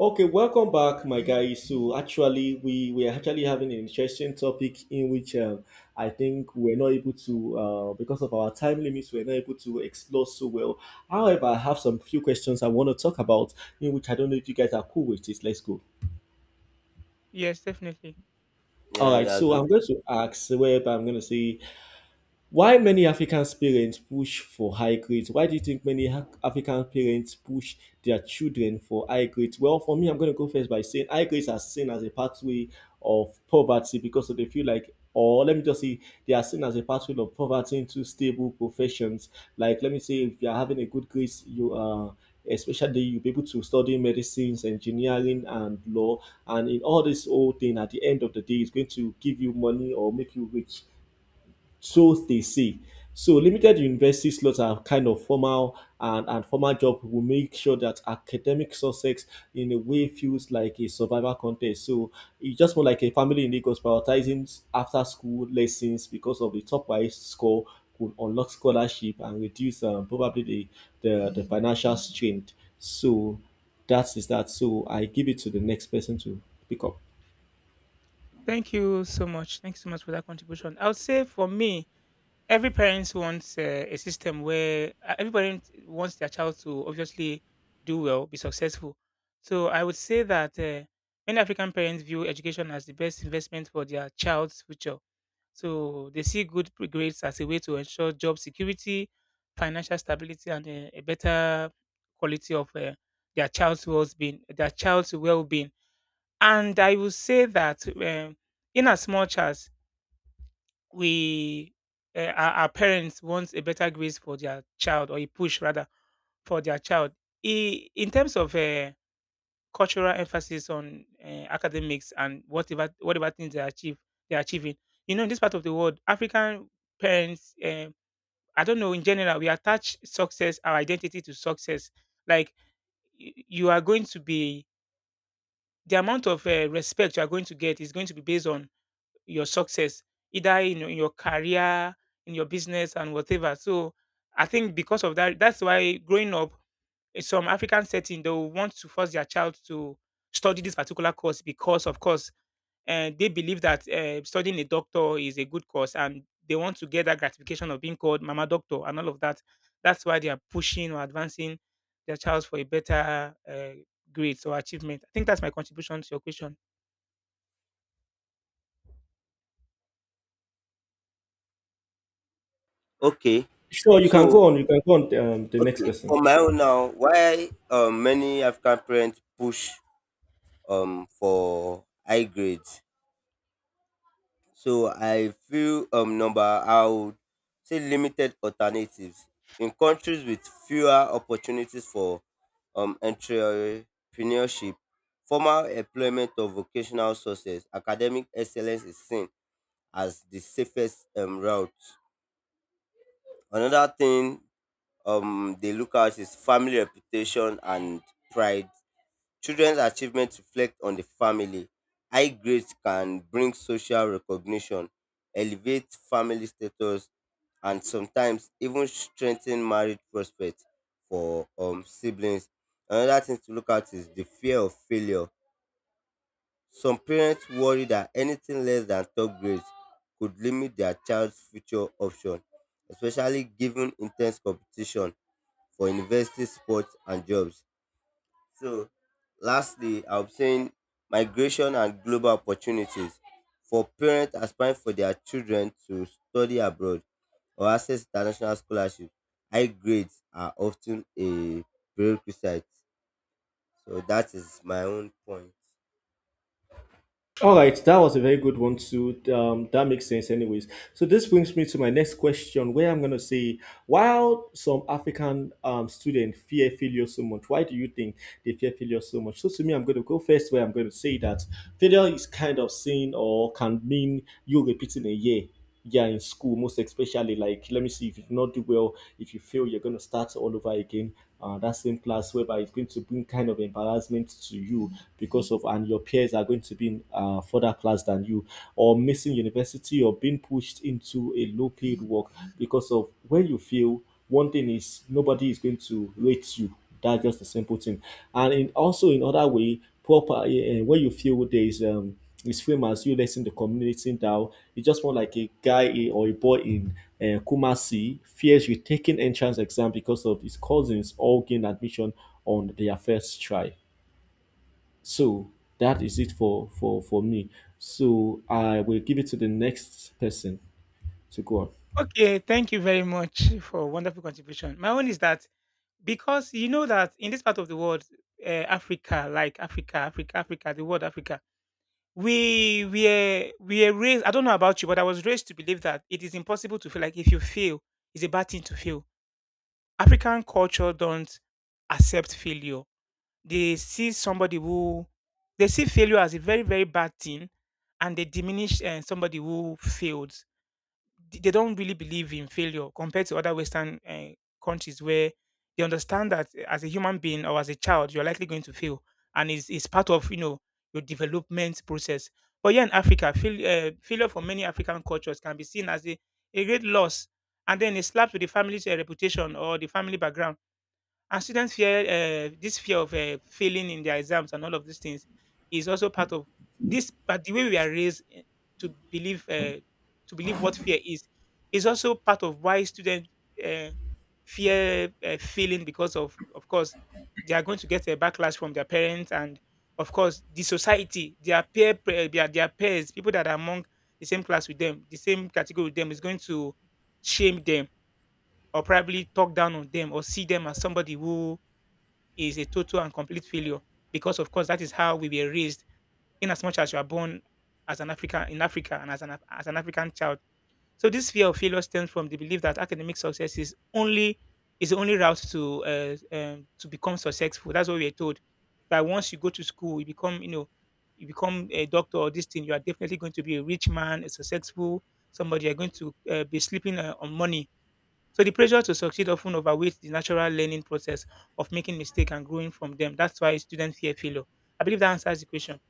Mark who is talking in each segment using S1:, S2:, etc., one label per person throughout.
S1: Okay, welcome back, my guys. So actually, we are actually having an interesting topic in which I think we're not able to, because of our time limits, we're not able to explore so well. However, I have some few questions I want to talk about, in which I don't know if you guys are cool with this. Let's go.
S2: Yes, definitely.
S1: All
S3: Yeah, we
S1: right, so
S3: agreed.
S1: I'm going to ask, whereby I'm going to say, why many African parents push for high grades? Why do you think many African parents push their children for high grades? Well, for me, I'm going to go first by saying high grades are seen as a pathway of poverty because they feel like, or let me just say, they are seen as a pathway of poverty into stable professions. Like, let me say, if you are having a good grades, you are. Especially, you'll be able to study medicines, engineering, and law. And in all this whole thing, at the end of the day, it's going to give you money or make you rich, so they say. So limited university slots are kind of formal and formal job will make sure that academic success in a way feels like a survival contest. So it's just more like a family in Lagos prioritizing after school lessons because of the top wise score could unlock scholarship and reduce probably the financial strain. So that is that. So I give it to the next person to pick up.
S2: Thank you so much. Thanks so much for that contribution. I would say for me, every parent wants a system where everybody wants their child to obviously do well, be successful. So I would say that many African parents view education as the best investment for their child's future. So they see good grades as a way to ensure job security, financial stability, and a better quality of their child's well-being. Their child's well-being. And I will say that in as much as we, our parents want a better grades for their child or a push rather for their child, in terms of cultural emphasis on academics and whatever things they're achieving. You know, in this part of the world, African parents, I don't know, in general, we attach success, our identity to success. Like you are going to be the amount of respect you are going to get is going to be based on your success, either in in your career, in your business, and whatever. So I think because of that, that's why growing up in some African setting, they will want to force their child to study this particular course because, of course, they believe that studying a doctor is a good course and they want to get that gratification of being called mama doctor and all of that. That's why they are pushing or advancing their child for a better grades or achievement. I think that's my contribution to your question.
S3: Okay.
S1: Sure, you can
S3: So,
S1: go on. You can go on, the next
S3: okay,
S1: person.
S3: for my own now, why many African parents push for high grades? So I feel number I would say limited alternatives. In countries with fewer opportunities for entrepreneurship, formal employment of vocational sources, academic excellence is seen as the safest route. Another thing, they look at his family reputation and pride. Children's achievements reflect on the family. High grades can bring social recognition, elevate family status, and sometimes even strengthen marriage prospects for siblings. Another thing to look at is the fear of failure. Some parents worry that anything less than top grades could limit their child's future option, especially given intense competition for university sports and jobs. So, lastly, I'm saying migration and global opportunities for parents aspiring for their children to study abroad or access international scholarships. High grades are often a prerequisite. So that is my own point.
S1: All right, that was a very good one too. That makes sense, anyways. So this brings me to my next question, where I'm gonna say, while some African students fear failure so much, why do you think they fear failure so much? So to me, I'm gonna go first, where I'm gonna say that failure is kind of seen or can mean you repeating a year. Yeah, in school, most especially, like let me see, if you do not do well, if you fail, you're gonna start all over again. That same class, whereby it's going to bring kind of embarrassment to you because of, and your peers are going to be in further class than you, or missing university or being pushed into a low paid work because of. When you feel, one thing is nobody is going to rate you, that's just a simple thing. And in, also in other way proper, when you feel there is fame as you letting the community now. It's just more like a or a boy in Kumasi fears retaking entrance exam because of his cousins all gain admission on their first try. So that is it for me. So I will give it to the next person to go on.
S2: Okay, thank you very much for wonderful contribution. My own is that because you know that in this part of the world, Africa, like Africa, Africa, Africa, the word Africa, we are raised. I don't know about you, but I was raised to believe that it is impossible to feel like if you fail, it's a bad thing to fail. African culture don't accept failure. They see somebody who they see failure as a very very bad thing, and they diminish somebody who failed. They don't really believe in failure compared to other Western countries where they understand that as a human being or as a child, you're likely going to fail, and it's part of, you know, your development process. But here in Africa, failure for many African cultures can be seen as a great loss, and then it slaps with the family's reputation or the family background, and students fear this fear of failing in their exams, and all of these things is also part of this. But the way we are raised, to believe uh, to believe what fear is also part of why students uh, fear failing because of course they are going to get a backlash from their parents, and of course the society, their their peers, people that are among the same class with them, the same category with them, is going to shame them, or probably talk down on them, or see them as somebody who is a total and complete failure because, of course, that is how we were raised. In as much as you are born as an African in Africa and as as an African child, so this fear of failure stems from the belief that academic success is only is the only route to become successful. That's what we are told, that once you go to school, you become, you know, you become a doctor or this thing, you are definitely going to be a rich man, a successful somebody. You're going to be sleeping on money. So the pressure to succeed often overweights the natural learning process of making mistakes and growing from them. That's why students fear failure. I believe that answers the question.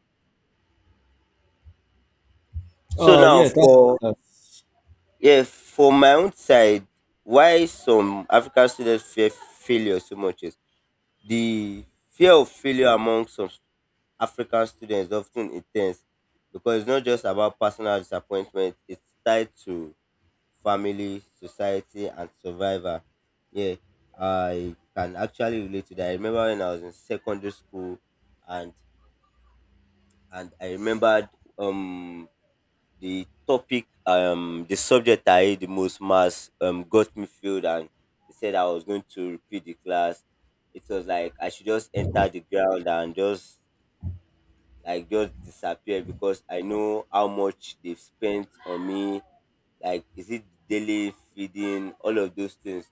S3: So
S1: Oh
S3: now
S1: yeah, that.
S3: for...
S1: That's,
S3: Yes, for my own side, why some African students fear failure so much is the fear of failure among some African students is often intense because it's not just about personal disappointment, it's tied to family, society, and survival. Yeah, I can actually relate to that. I remember when I was in secondary school and and I remembered, um the topic, the subject I hate the most, mass, got me filled, and they said I was going to repeat the class. It was like I should just enter the ground and just like just disappear, because I know how much they've spent on me, like is it daily feeding, all of those things.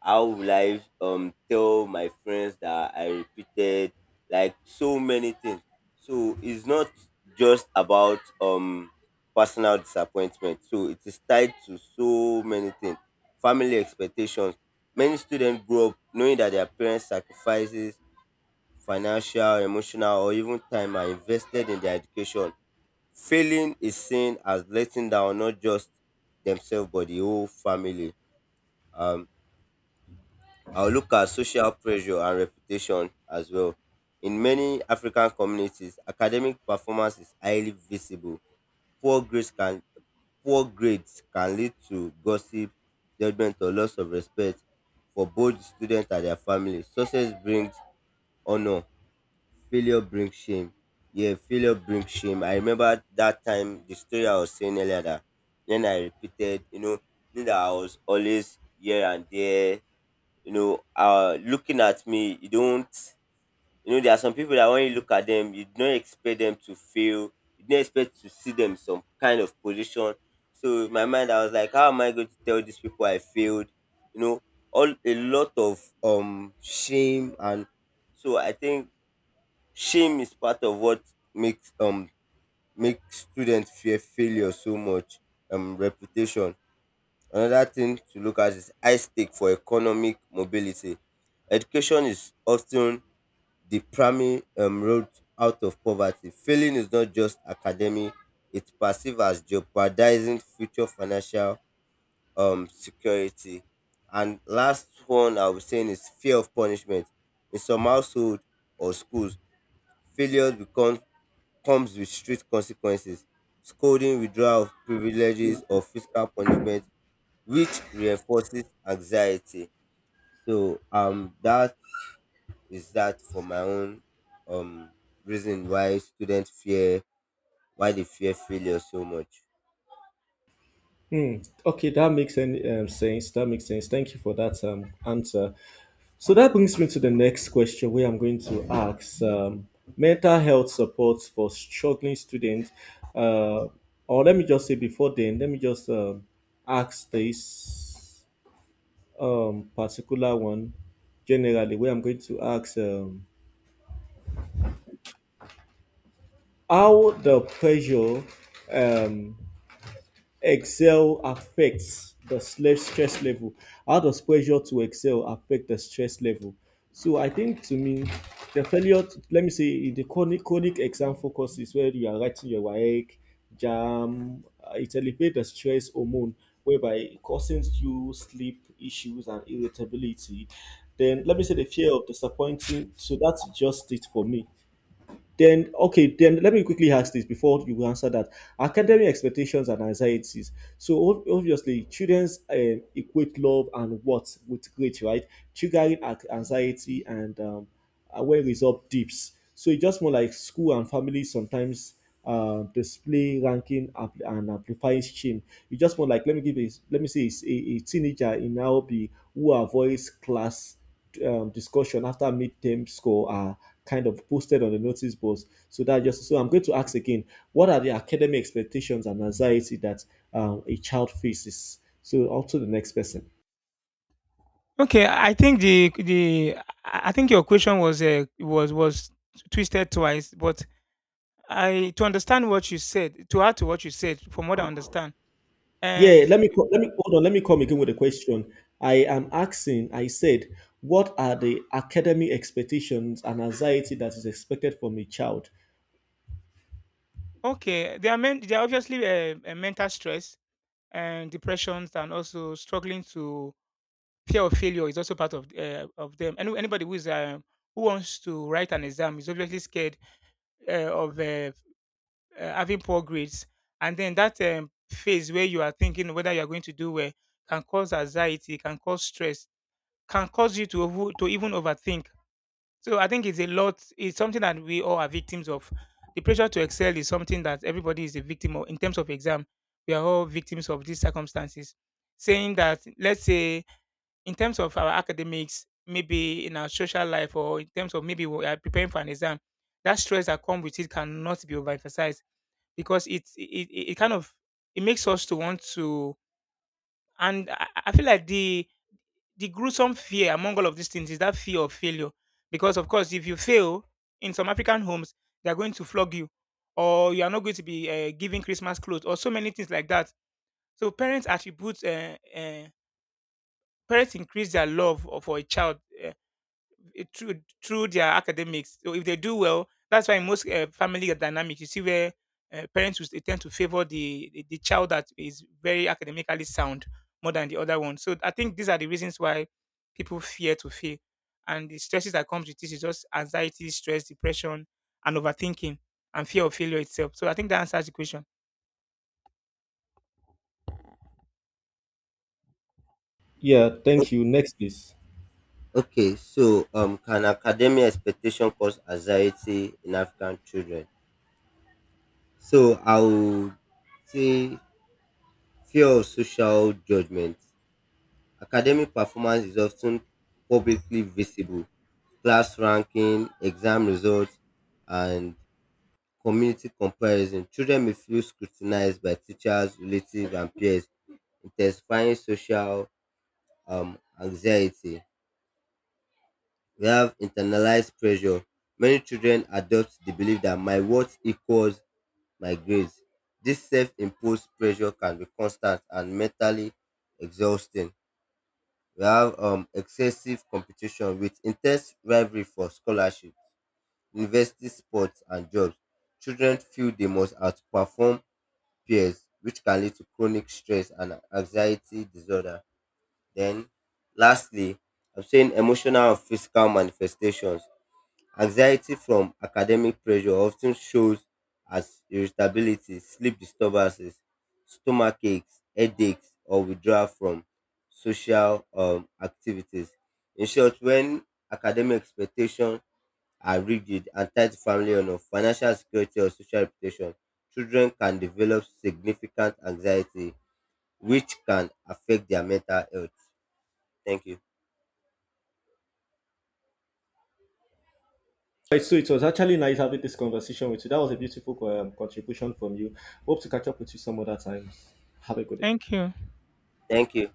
S3: How will I tell my friends that I repeated, like so many things. So it's not just about personal disappointment, so it is tied to so many things. Family expectations: many students grow up knowing that their parents sacrifices, financial, emotional, or even time, are invested in their education. Failing is seen as letting down not just themselves but the whole family. Um, I'll look at social pressure and reputation as well. In many African communities, academic performance is highly visible. Poor grades can Poor grades can lead to gossip, judgment, or loss of respect for both the student and their family. Success brings honor, failure brings shame. Yeah, failure brings shame. I remember that time, the story I was saying earlier, that when I repeated, you know, knew that I was always here and there, you know, looking at me, you don't... you know, there are some people that when you look at them, you don't expect them to fail, you don't expect to see them in some kind of position. So in my mind I was like, how am I going to tell these people I failed? You know, all a lot of shame. And so I think shame is part of what makes makes students fear failure so much. Um, reputation. Another thing to look at is high stake for economic mobility. Education is often the primary, road out of poverty. Failing is not just academic, it's perceived as jeopardizing future financial security. And last one I was saying is fear of punishment. In some households or schools, failure becomes comes with strict consequences, scolding, withdrawal of privileges, or physical punishment, which reinforces anxiety. So that is that for my own um reason why students fear, why they fear failure so much.
S1: hmm, okay, that makes any sense. That makes sense. Thank you for that answer. So that brings me to the next question, where I'm going to ask, mental health support for struggling students. Uh, or let me just say before then, let me just ask this particular one generally, where I'm going to ask. How the pressure um, excel affects the stress level. How does pressure to excel affect the stress level? So I think to me, the failure. To, let me say in the chronic exam focus is where you are writing your work, jam. It elevates the stress hormone, whereby it causes you sleep issues and irritability. Then let me say the fear of disappointing. So that's just it for me. Then, okay, then let me quickly ask this before you answer that. Academic expectations and anxieties. So, obviously, childrens equate love and what with great, right? Triggering anxiety and where result dips. So it's just more like school and family sometimes display ranking and amplifying shame. It's just more like, let me let me say it's a teenager in Nairobi who avoids class discussion after midterm score are kind of posted on the notice boards. So that just, so I'm going to ask again, what are the academic expectations and anxiety that a child faces? So on to the next person.
S2: Okay, I think the I think your question was was twisted twice, but I, to understand what you said, to add to what you said from what I understand.
S1: Yeah,
S2: And
S1: yeah,
S2: f-
S1: let me hold on. Let me come again with a question. I am asking. I said, what are the academic expectations and anxiety that is expected from a child?
S2: okay, there are obviously mental stress and depressions, and also struggling to, fear of failure is also part of them. Anybody who is who wants to write an exam is obviously scared of having poor grades, and then that phase where you are thinking whether you are going to do well can cause anxiety, can cause stress, can cause you to even overthink. So I think it's a lot. It's something that we all are victims of. The pressure to excel is something that everybody is a victim of. In terms of exam, we are all victims of these circumstances. Saying that, let's say in terms of our academics, maybe in our social life, or in terms of maybe we are preparing for an exam, that stress that comes with it cannot be overemphasized because it kind of, it makes us to want to. And I feel like the gruesome fear among all of these things is that fear of failure, because of course, if you fail in some African homes, they are going to flog you, or you are not going to be giving Christmas clothes, or so many things like that. So parents attribute parents increase their love for a child, it through, through their academics. So if they do well, that's why in most family dynamics you see where parents will tend to favor the child that is very academically sound more than the other one. So I think these are the reasons why people fear to fail, and the stresses that comes with this is just anxiety, stress, depression, and overthinking, and fear of failure itself. So I think that answers the question.
S1: Yeah,
S3: O-
S1: thank you. Next, please.
S3: Okay, so, can academic expectation cause anxiety in African children? So I would say fear of social judgment. Academic performance is often publicly visible. Class ranking, exam results, and community comparison. Children may feel scrutinized by teachers, relatives, and peers, intensifying social anxiety. We have internalized pressure. Many children adopt the belief that my worth equals my grades. This self imposed pressure can be constant and mentally exhausting. We have excessive competition with intense rivalry for scholarships, university sports, and jobs. Children feel they must outperform peers, which can lead to chronic stress and anxiety disorder. Then, lastly, I'm saying emotional and physical manifestations. Anxiety from academic pressure often shows as irritability, sleep disturbances, stomach aches, headaches, or withdrawal from social activities. In short, when academic expectations are rigid and tied to family honor, financial security, or social reputation, children can develop significant anxiety, which can affect their mental health. Thank you.
S1: Right, so it was actually nice having this conversation with you. That was a beautiful contribution from you. Hope to catch up with you some other time. Have a good day.
S2: Thank you.
S3: Thank you.